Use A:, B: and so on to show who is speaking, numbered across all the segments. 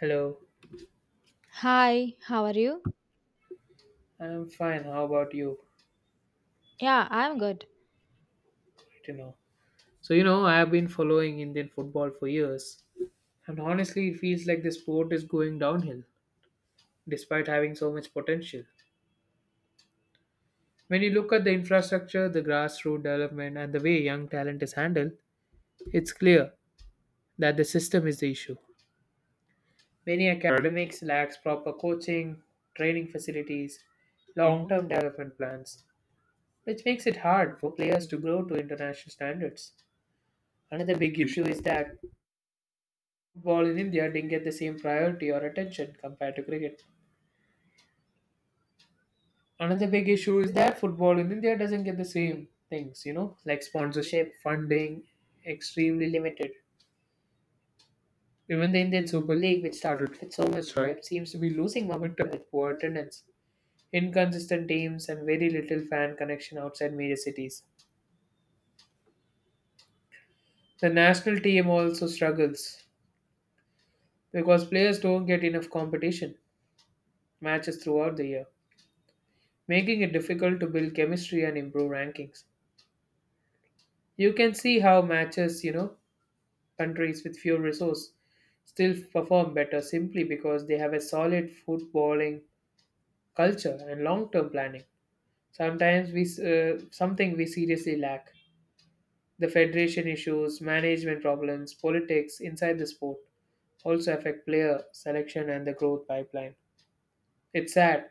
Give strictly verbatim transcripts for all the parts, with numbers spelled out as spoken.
A: Hello,
B: Hi, how are you?
A: I'm fine. How about you?
B: Yeah, I'm good.
A: You know. So you know, I have been following Indian football for years, and honestly, it feels like the sport is going downhill, despite having so much potential. When you look at the infrastructure, the grassroots development, and the way young talent is handled, it's clear that the system is the issue. Many academics lacks proper coaching, training facilities, long-term development plans, which makes it hard for players to grow to international standards. Another big issue is that football in India didn't get the same priority or attention compared to cricket. Another big issue is that football in India doesn't get the same things, you know, like sponsorship, funding, extremely limited. Even the Indian Super League, which started with so much hype, seems to be losing momentum with poor attendance, inconsistent teams, and very little fan connection outside major cities. The national team also struggles because players don't get enough competition matches throughout the year, making it difficult to build chemistry and improve rankings. You can see how matches, you know, countries with few resources still perform better simply because they have a solid footballing culture and long-term planning. Sometimes we s- uh, something we seriously lack. The federation issues, management problems, politics inside the sport also affect player selection and the growth pipeline. It's sad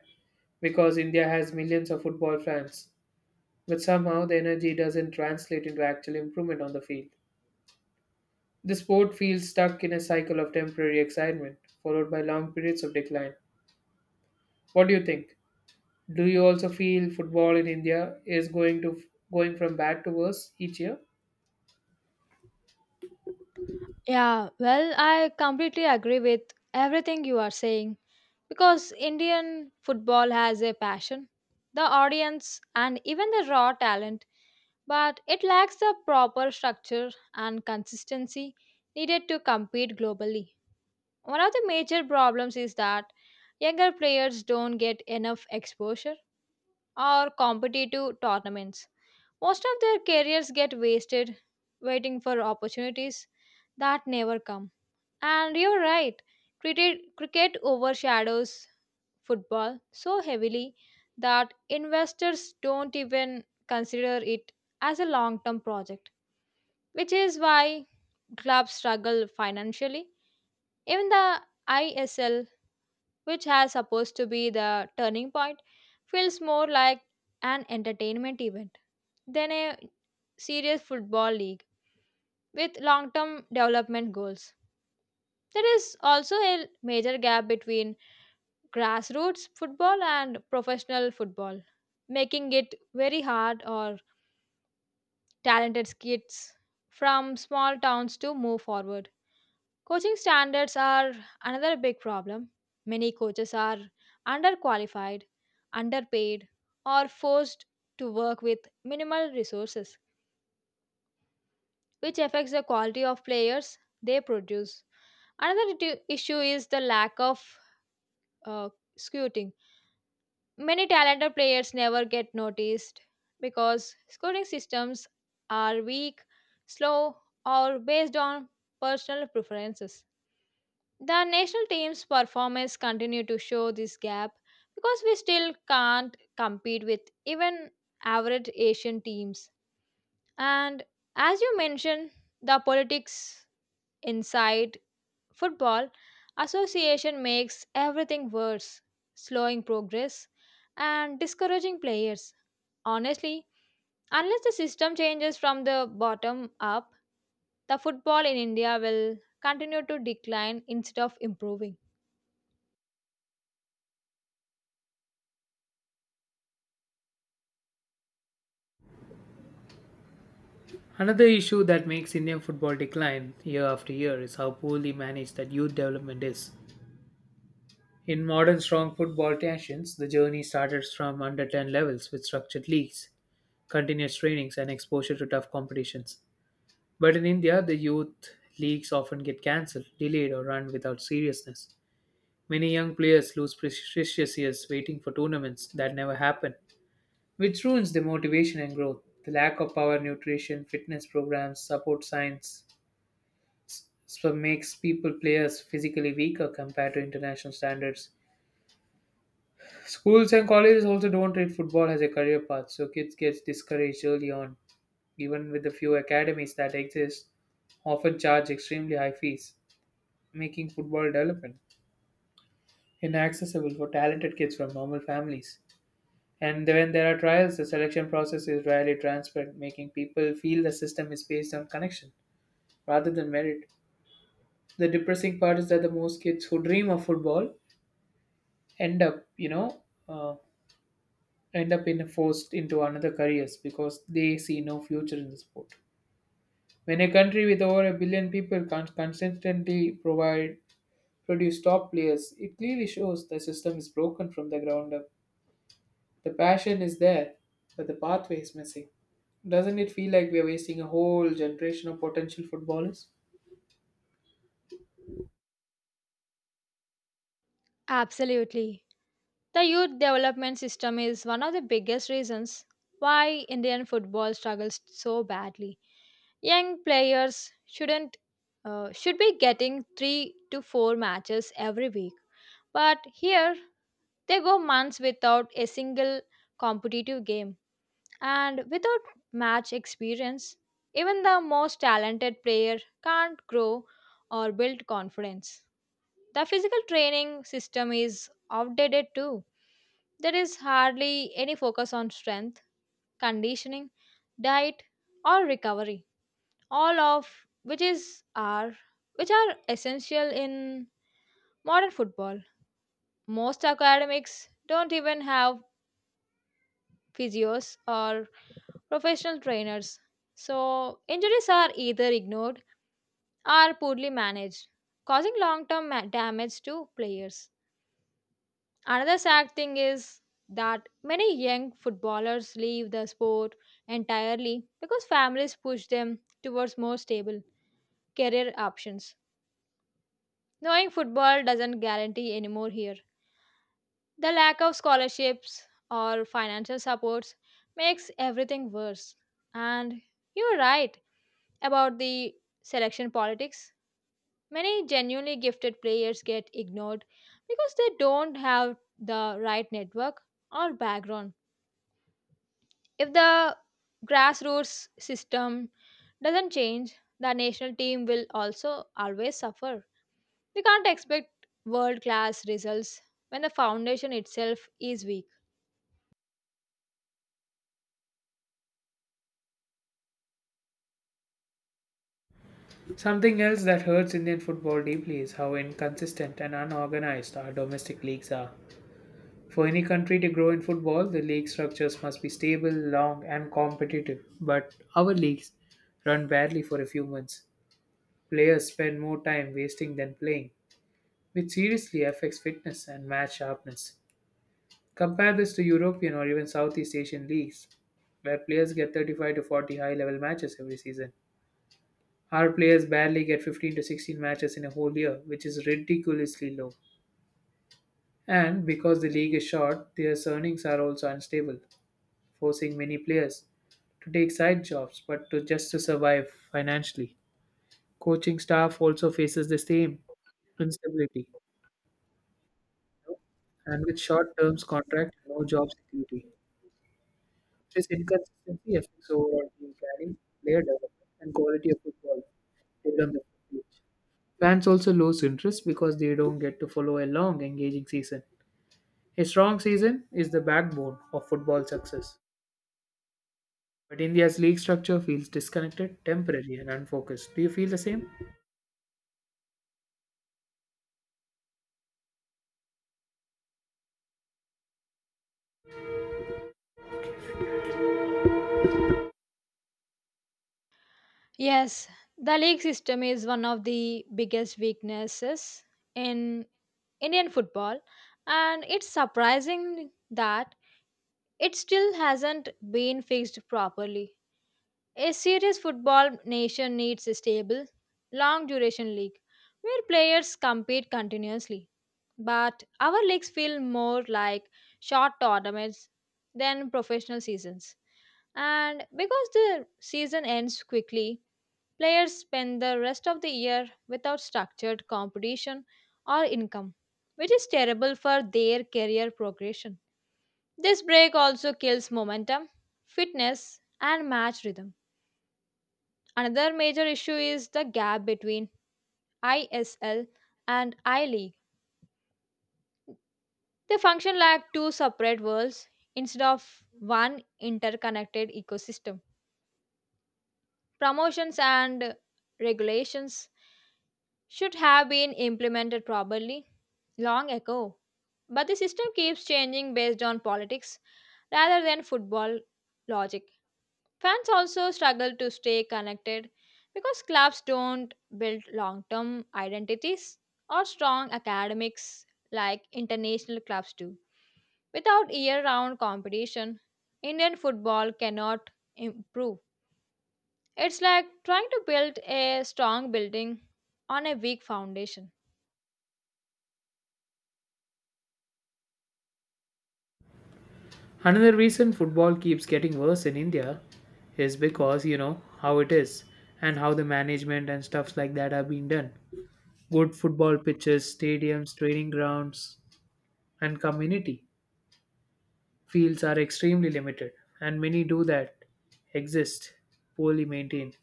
A: because India has millions of football fans, but somehow the energy doesn't translate into actual improvement on the field. The sport feels stuck in a cycle of temporary excitement, followed by long periods of decline. What do you think? Do you also feel football in India is going to going from bad to worse each year?
B: Yeah, well, I completely agree with everything you are saying because Indian football has a passion, the audience, and even the raw talent, but it lacks the proper structure and consistency needed to compete globally. One of the major problems is that younger players don't get enough exposure or competitive tournaments. Most of their careers get wasted waiting for opportunities that never come. And you're right, cricket, cricket overshadows football so heavily that investors don't even consider it as a long term project, which is why clubs struggle financially. Even the I S L, which has supposed to be the turning point, feels more like an entertainment event than a serious football league with long term development goals. There is also a major gap between grassroots football and professional football, making it very hard for talented kids from small towns to move forward. Coaching standards are another big problem. Many coaches are underqualified, underpaid, or forced to work with minimal resources, which affects the quality of players they produce. Another it- issue is the lack of uh, scouting. Many talented players never get noticed because scouting systems are weak, slow, or based on personal preferences. The national team's performance continue to show this gap because we still can't compete with even average Asian teams. And as you mentioned, the politics inside football association makes everything worse, slowing progress and discouraging players. Honestly, unless the system changes from the bottom up, the football in India will continue to decline instead of improving.
A: Another issue that makes Indian football decline year after year is how poorly managed that youth development is. In modern strong football nations, the journey starts from under ten levels with structured leagues, continuous trainings, and exposure to tough competitions. But in India, the youth leagues often get cancelled, delayed, or run without seriousness. Many young players lose precious years waiting for tournaments that never happen, which ruins their motivation and growth. The lack of power nutrition, fitness programs, support science s- so makes people players physically weaker compared to international standards. Schools and colleges also don't treat football as a career path, so kids get discouraged early on. Even with the few academies that exist, often charge extremely high fees, making football development inaccessible for talented kids from normal families. And when there are trials, the selection process is rarely transparent, making people feel the system is based on connection rather than merit. The depressing part is that the most kids who dream of football end up, you know, uh, end up in forced into another careers because they see no future in the sport. When a country with over a billion people can't consistently provide produce top players, it clearly shows the system is broken from the ground up. The passion is there, but the pathway is missing. Doesn't it feel like we are wasting a whole generation of potential footballers?
B: Absolutely. The youth development system is one of the biggest reasons why Indian football struggles so badly. Young players shouldn't uh, should be getting three to four matches every week, but here they go months without a single competitive game and without match experience. Even the most talented player can't grow or build confidence. The physical training system is outdated too. There is hardly any focus on strength, conditioning, diet, or recovery, all of which is are which are essential in modern football. Most academics don't even have physios or professional trainers. So injuries are either ignored or poorly managed, causing long-term ma- damage to players. Another sad thing is that many young footballers leave the sport entirely because families push them towards more stable career options. Knowing football doesn't guarantee anymore here. The lack of scholarships or financial supports makes everything worse. And you're right about the selection politics. Many genuinely gifted players get ignored because they don't have the right network or background. If the grassroots system doesn't change, the national team will also always suffer. We can't expect world class results when the foundation itself is weak.
A: Something else that hurts Indian football deeply is how inconsistent and unorganized our domestic leagues are. For any country to grow in football, the league structures must be stable, long, and competitive. But our leagues run badly for a few months. Players spend more time wasting than playing, which seriously affects fitness and match sharpness. Compare this to European or even Southeast Asian leagues, where players get thirty-five to forty high level matches every season. Our players barely get fifteen to sixteen matches in a whole year, which is ridiculously low. And because the league is short, their earnings are also unstable, forcing many players to take side jobs but to just to survive financially. Coaching staff also faces the same instability and with short term contract no job security. This inconsistency affects overall team planning, player development, and quality of football development for each. Fans also lose interest because they don't get to follow a long, engaging season. A strong season is the backbone of football success. But India's league structure feels disconnected, temporary, and unfocused. Do you feel the same?
B: Yes, the league system is one of the biggest weaknesses in Indian football, and it's surprising that it still hasn't been fixed properly. A serious football nation needs a stable, long duration league where players compete continuously. But our leagues feel more like short tournaments than professional seasons. And because the season ends quickly, players spend the rest of the year without structured competition or income, which is terrible for their career progression. This break also kills momentum, fitness, and match rhythm. Another major issue is the gap between I S L and I League. They function like two separate worlds instead of one interconnected ecosystem. Promotions and regulations should have been implemented properly long ago, but the system keeps changing based on politics rather than football logic. Fans also struggle to stay connected because clubs don't build long term identities or strong academics like international clubs do. Without year round competition, Indian football cannot improve. It's like trying to build a strong building on a weak foundation.
A: Another reason football keeps getting worse in India is because, you know, how it is and how the management and stuffs like that are being done. Good football pitches, stadiums, training grounds, and community fields are extremely limited, and many do that exist poorly maintained.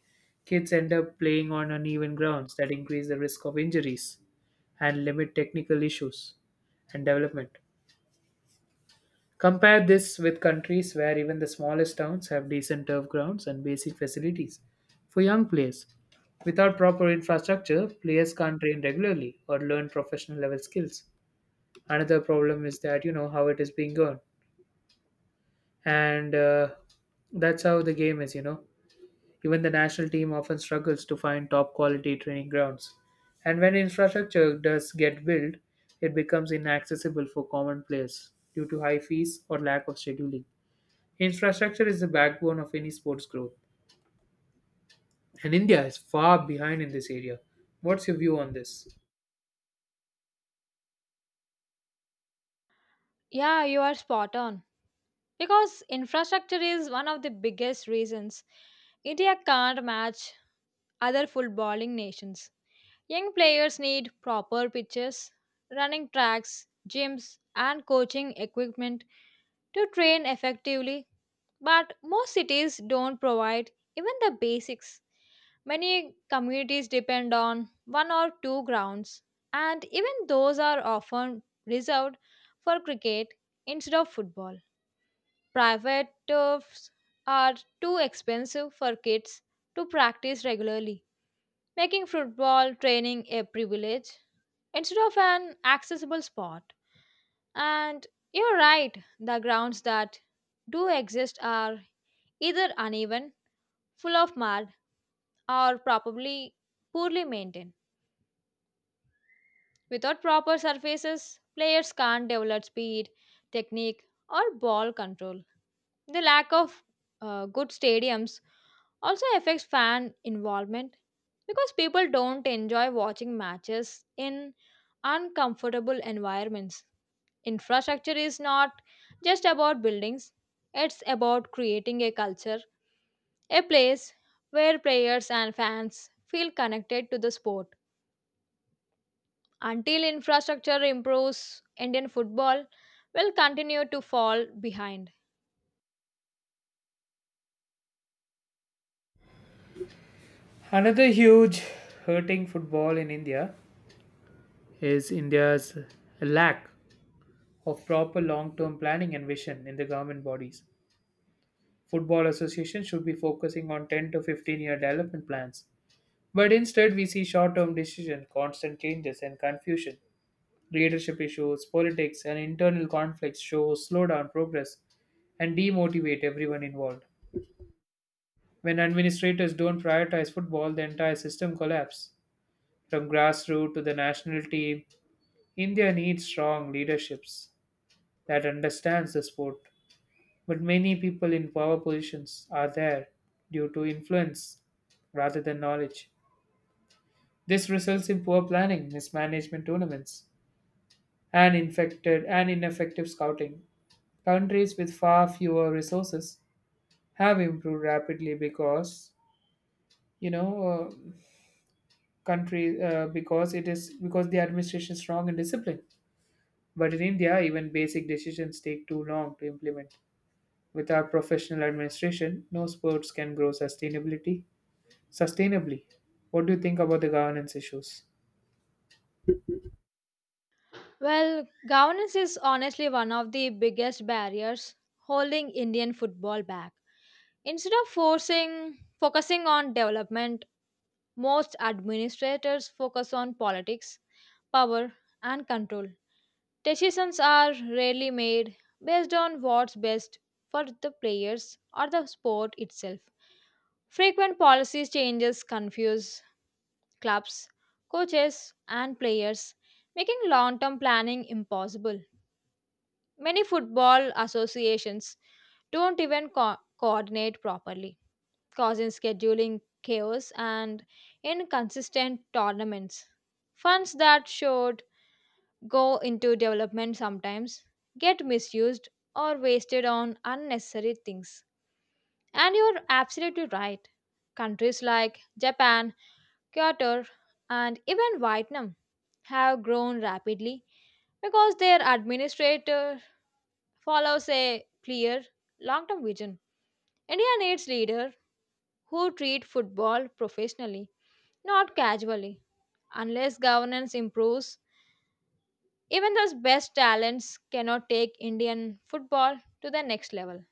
A: Kids end up playing on uneven grounds that increase the risk of injuries and limit technical issues and development. Compare this with countries where even the smallest towns have decent turf grounds and basic facilities for young players. Without proper infrastructure, players can't train regularly or learn professional level skills. Another problem is that you know how it is being done, and uh, that's how the game is, you know. Even the national team often struggles to find top quality training grounds, and when infrastructure does get built, it becomes inaccessible for common players due to high fees or lack of scheduling. Infrastructure is the backbone of any sports growth, and India is far behind in this area. What's your view on this?
B: Yeah, you are spot on, because infrastructure is one of the biggest reasons India can't match other footballing nations. Young players need proper pitches, running tracks, gyms, and coaching equipment to train effectively. But most cities don't provide even the basics. Many communities depend on one or two grounds, and even those are often reserved for cricket instead of football. Private turfs are too expensive for kids to practice regularly, making football training a privilege instead of an accessible spot. And you're right, the grounds that do exist are either uneven, full of mud, or probably poorly maintained. Without proper surfaces, players can't develop speed, technique, or ball control. The lack of uh, good stadiums also affects fan involvement because people don't enjoy watching matches in uncomfortable environments. Infrastructure is not just about buildings, it's about creating a culture, a place where players and fans feel connected to the sport. Until infrastructure improves, Indian football will continue to fall behind.
A: Another huge hurting football in India is India's lack of proper long-term planning and vision in the government bodies. Football associations should be focusing on ten to fifteen year development plans. But instead, we see short term decisions, constant changes, and confusion. Leadership issues, politics, and internal conflicts show slow down progress and demotivate everyone involved. When administrators don't prioritize football, the entire system collapses. From grassroots to the national team, India needs strong leaderships that understands the sport. But many people in power positions are there due to influence rather than knowledge. This results in poor planning, mismanagement tournaments, and infected and ineffective scouting. Countries with far fewer resources have improved rapidly because you know uh, country uh, because it is because the administration is strong and disciplined. But in India, even basic decisions take too long to implement. Without professional administration, no sports can grow sustainability sustainably. What do you think about the governance issues?
B: Well, governance is honestly one of the biggest barriers holding Indian football back. Instead of forcing focusing on development, most administrators focus on politics, power, and control. Decisions are rarely made based on what's best for the players or the sport itself. Frequent policy changes confuse clubs, coaches, and players, making long term planning impossible. Many football associations don't even co- coordinate properly, causing scheduling chaos and inconsistent tournaments. Funds that should go into development sometimes get misused or wasted on unnecessary things. And you're absolutely right. Countries like Japan, Qatar, and even Vietnam have grown rapidly because their administrator follows a clear long term vision. India needs leaders who treat football professionally, not casually. Unless governance improves, even those best talents cannot take Indian football to the next level.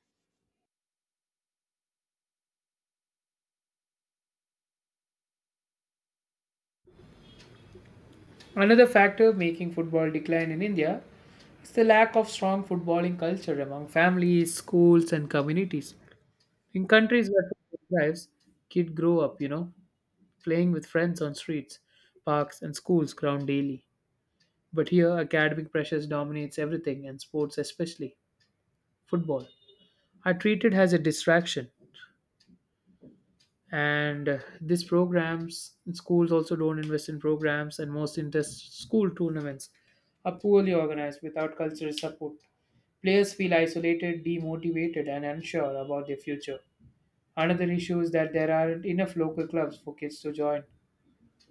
A: Another factor making football decline in India is the lack of strong footballing culture among families, schools, and communities. In countries where football drives, kids grow up, you know, playing with friends on streets, parks, and schools ground daily. But here, academic pressures dominates everything, and sports, especially football, are treated as a distraction, and uh, these programs schools also don't invest in programs, and most interest school tournaments are poorly organized. Without cultural support, players feel isolated, demotivated, and unsure about their future. Another issue is that there aren't enough local clubs for kids to join,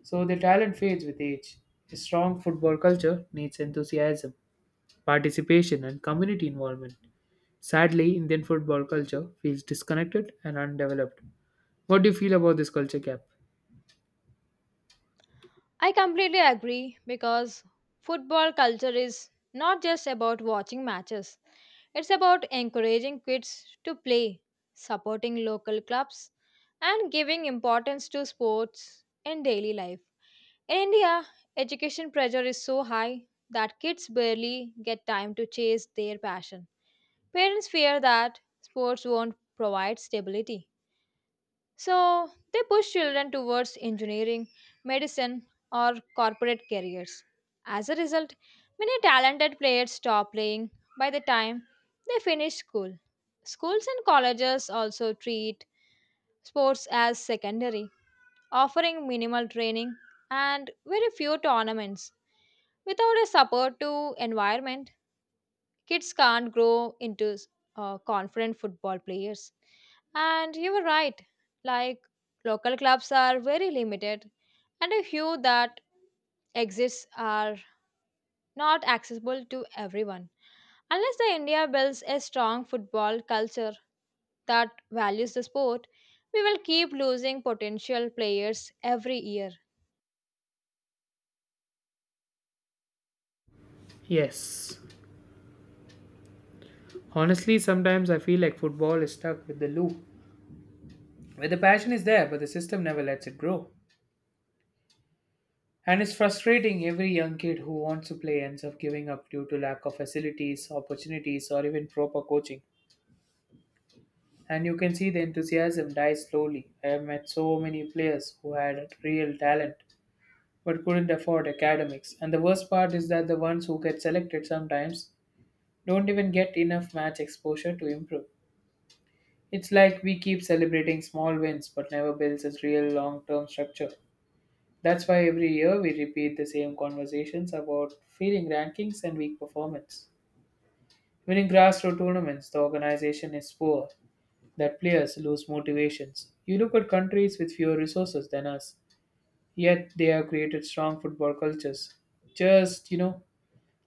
A: so their talent fades with age. A strong football culture needs enthusiasm, participation, and community involvement. Sadly, Indian football culture feels disconnected and undeveloped. What do you feel about this culture gap?
B: I completely agree because football culture is not just about watching matches, it's about encouraging kids to play, supporting local clubs, and giving importance to sports in daily life. In India, education pressure is so high that kids barely get time to chase their passion. Parents fear that sports won't provide stability. So they push children towards engineering, medicine, or corporate careers. As a result, many talented players stop playing by the time they finish school. Schools and colleges also treat sports as secondary, offering minimal training and very few tournaments. Without a support to environment, kids can't grow into uh, confident football players. And you were right, like local clubs are very limited, and a few that exist are not accessible to everyone. Unless the India builds a strong football culture that values the sport, we will keep losing potential players every year.
A: Yes. Honestly, sometimes I feel like football is stuck with the loop, where the passion is there, but the system never lets it grow. And it's frustrating every young kid who wants to play ends up giving up due to lack of facilities, opportunities, or even proper coaching. And you can see the enthusiasm die slowly. I have met so many players who had real talent but couldn't afford academics. And the worst part is that the ones who get selected sometimes don't even get enough match exposure to improve. It's like we keep celebrating small wins but never builds a real long term structure. That's why every year we repeat the same conversations about failing rankings and weak performance. Even in grassroots tournaments, the organization is poor, that players lose motivations. You look at countries with fewer resources than us, yet they have created strong football cultures. Just, you know,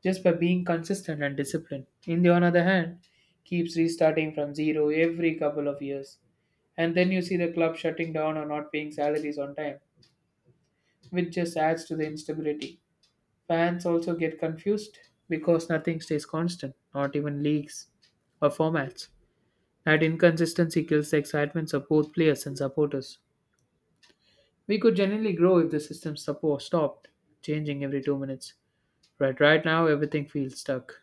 A: just by being consistent and disciplined. In the on other hand, keeps restarting from zero every couple of years. And then you see the club shutting down or not paying salaries on time, which just adds to the instability. Fans also get confused because nothing stays constant, not even leagues or formats. That inconsistency kills the excitement of both players and supporters. We could generally grow if the system support stopped changing every two minutes. But right now, everything feels stuck.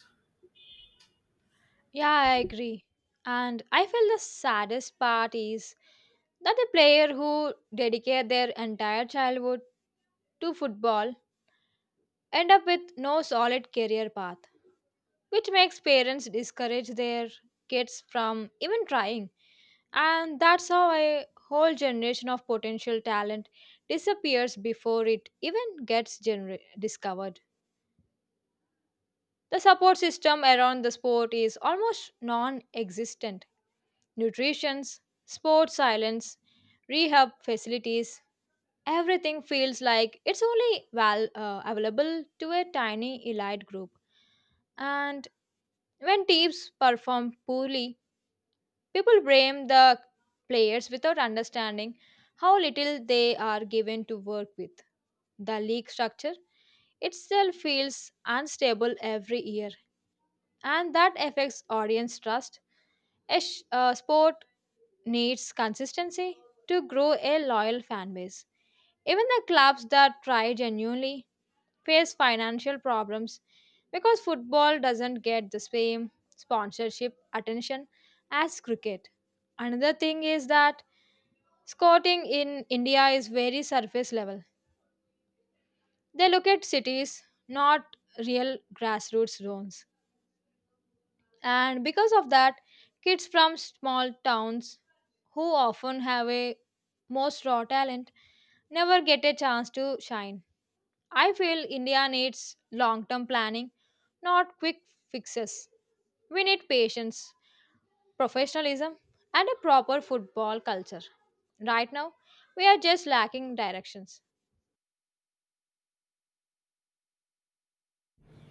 B: Yeah, I agree. And I feel the saddest part is that the player who dedicate their entire childhood to football end up with no solid career path, which makes parents discourage their kids from even trying. And that's how a whole generation of potential talent disappears before it even gets gener- discovered. The support system around the sport is almost non existent. Nutritions, sports silence, rehab facilities, everything feels like it's only val- uh, available to a tiny elite group. And when teams perform poorly, people blame the players without understanding how little they are given to work with. The league structure itself feels unstable every year, and that affects audience trust. A sh- uh, sport needs consistency to grow a loyal fan base. Even the clubs that try genuinely face financial problems because football doesn't get the same sponsorship attention as cricket. Another thing is that scouting in India is very surface level. They look at cities, not real grassroots zones. And because of that, kids from small towns who often have a most raw talent never get a chance to shine. I feel India needs long term planning, not quick fixes. We need patience, professionalism, and a proper football culture. Right now, we are just lacking directions.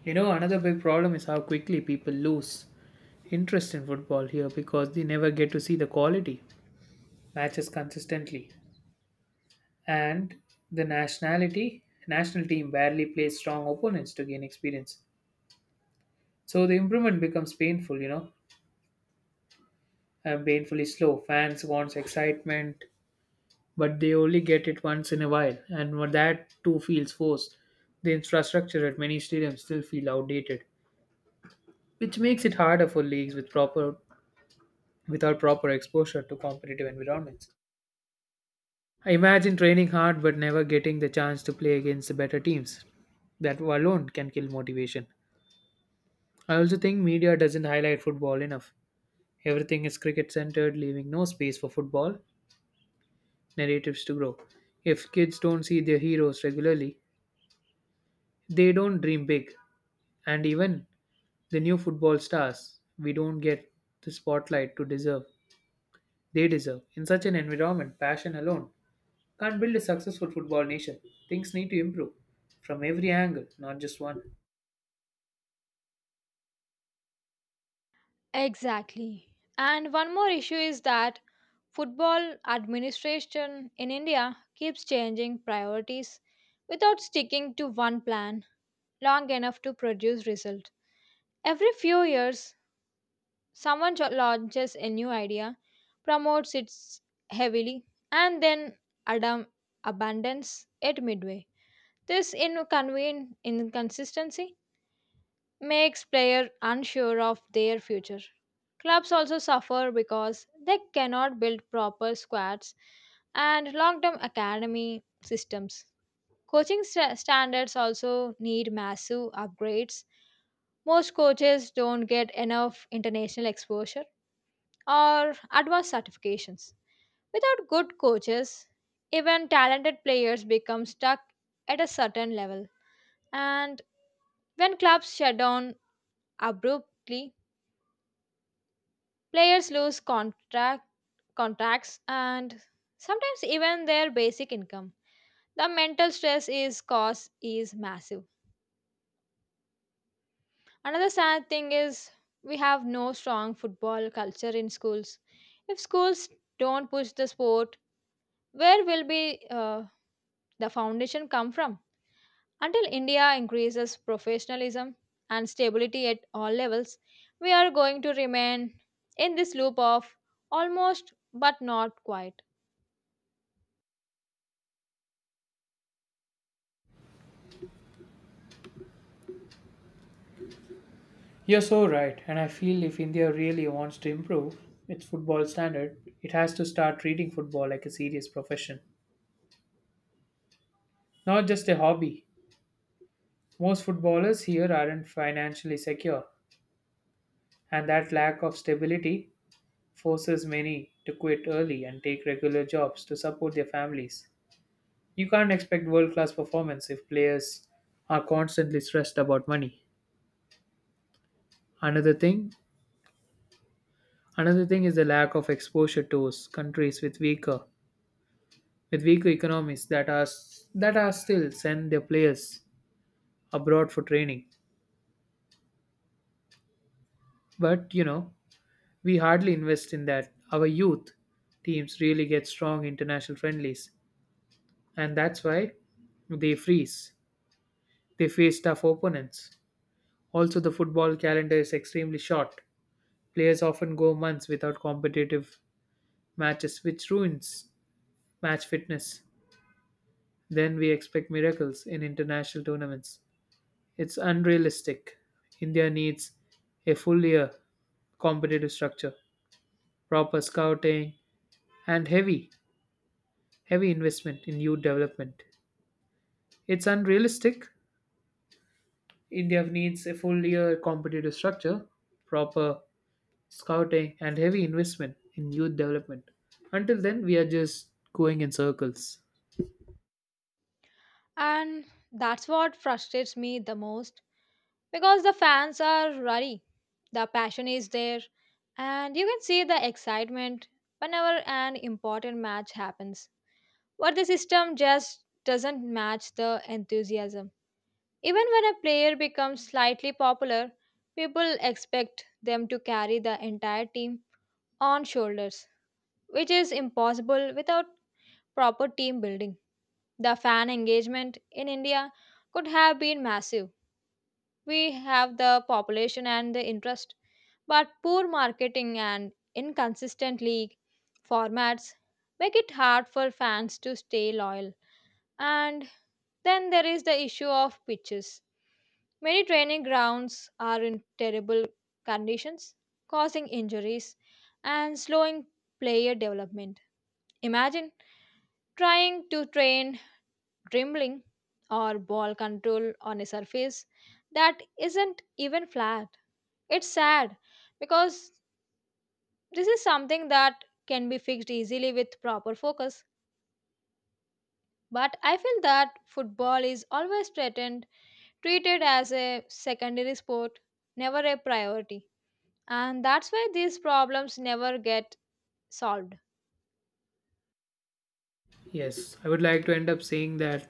A: You know, another big problem is how quickly people lose interest in football here because they never get to see the quality matches consistently. And the nationality, national team barely plays strong opponents to gain experience. So the improvement becomes painful, you know, and painfully slow. Fans wants excitement, but they only get it once in a while, and when that too feels forced. The infrastructure at many stadiums still feel outdated, which makes it harder for leagues with proper without proper exposure to competitive environments. I imagine training hard but never getting the chance to play against better teams. That alone can kill motivation. I also think media doesn't highlight football enough. Everything is cricket centered, leaving no space for football narratives to grow. If kids don't see their heroes regularly, they don't dream big. And even the new football stars, we don't get the spotlight to deserve. They deserve. In such an environment, passion alone can't build a successful football nation. Things need to improve from every angle, not just one.
B: Exactly. And one more issue is that football administration in India keeps changing priorities without sticking to one plan long enough to produce result. Every few years, someone jo- launches a new idea, promotes it heavily, and then adam- abandons it midway. This inconven- inconsistency makes players unsure of their future. Clubs also suffer because they cannot build proper squads and long term academy systems. Coaching sta- standards also need massive upgrades. Most coaches don't get enough international exposure or advanced certifications. Without good coaches, even talented players become stuck at a certain level. And when clubs shut down abruptly, players lose contract, contracts and sometimes even their basic income. The mental stress is cause is massive. Another sad thing is we have no strong football culture in schools. If schools don't push the sport, where will be uh, the foundation come from? Until India increases professionalism and stability at all levels, we are going to remain in this loop of almost but not quite.
A: You're so right, and I feel if India really wants to improve its football standard, it has to start treating football like a serious profession, not just a hobby. Most footballers here aren't financially secure, and that lack of stability forces many to quit early and take regular jobs to support their families. You can't expect world class performance if players are constantly stressed about money. Another thing Another thing is the lack of exposure to s- countries with weaker with weaker economies that are s- that are still send their players abroad for training. But you know, we hardly invest in that. Our youth teams really get strong international friendlies, and that's why they freeze. They face tough opponents. Also, the football calendar is extremely short. Players often go months without competitive matches, which ruins match fitness. Then we expect miracles in international tournaments. It's unrealistic. India needs a full year competitive structure, proper scouting, and heavy, heavy investment in youth development. It's unrealistic. India needs a full year competitive structure, proper scouting, and heavy investment in youth development. Until then, we are just going in circles.
B: And that's what frustrates me the most because the fans are ruddy. The passion is there, and you can see the excitement whenever an important match happens. But the system just doesn't match the enthusiasm. Even when a player becomes slightly popular, people expect them to carry the entire team on shoulders, which is impossible without proper team building. The fan engagement in India could have been massive. We have the population and the interest, but poor marketing and inconsistent league formats make it hard for fans to stay loyal. And then there is the issue of pitches. Many training grounds are in terrible conditions, causing injuries and slowing player development. Imagine trying to train dribbling or ball control on a surface that isn't even flat. It's sad because this is something that can be fixed easily with proper focus. But I feel that football is always threatened, treated as a secondary sport, never a priority. And that's why these problems never get solved.
A: Yes, I would like to end up saying that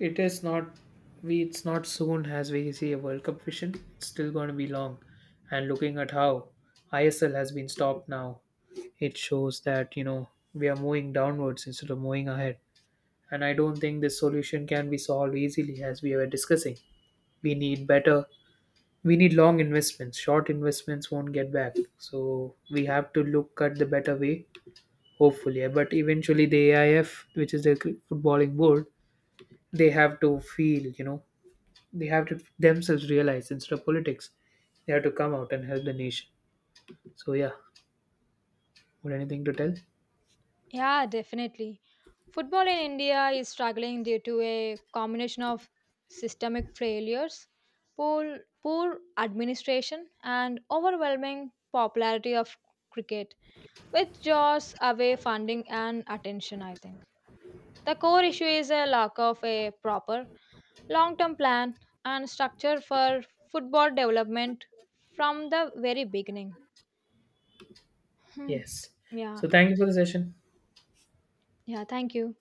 A: It is not we it's not soon as we see a World Cup vision. It's still going to be long. And looking at how I S L has been stopped now, it shows that, you know, we are moving downwards instead of moving ahead. And I don't think this solution can be solved easily as we were discussing. We need better we need long investments. Short investments won't get back. So we have to look at the better way, hopefully. But eventually the A I F, which is the footballing board, they have to feel, you know, they have to themselves realize instead of politics they have to come out and help the nation. So yeah, would anything to tell.
B: Yeah, definitely. Football in India is struggling due to a combination of systemic failures, poor, poor administration, and overwhelming popularity of cricket, which draws away funding and attention, I think. The core issue is a lack of a proper long term plan and structure for football development from the very beginning. Hmm.
A: Yes,
B: Yeah,
A: so thank you for the session.
B: yeah, thank you.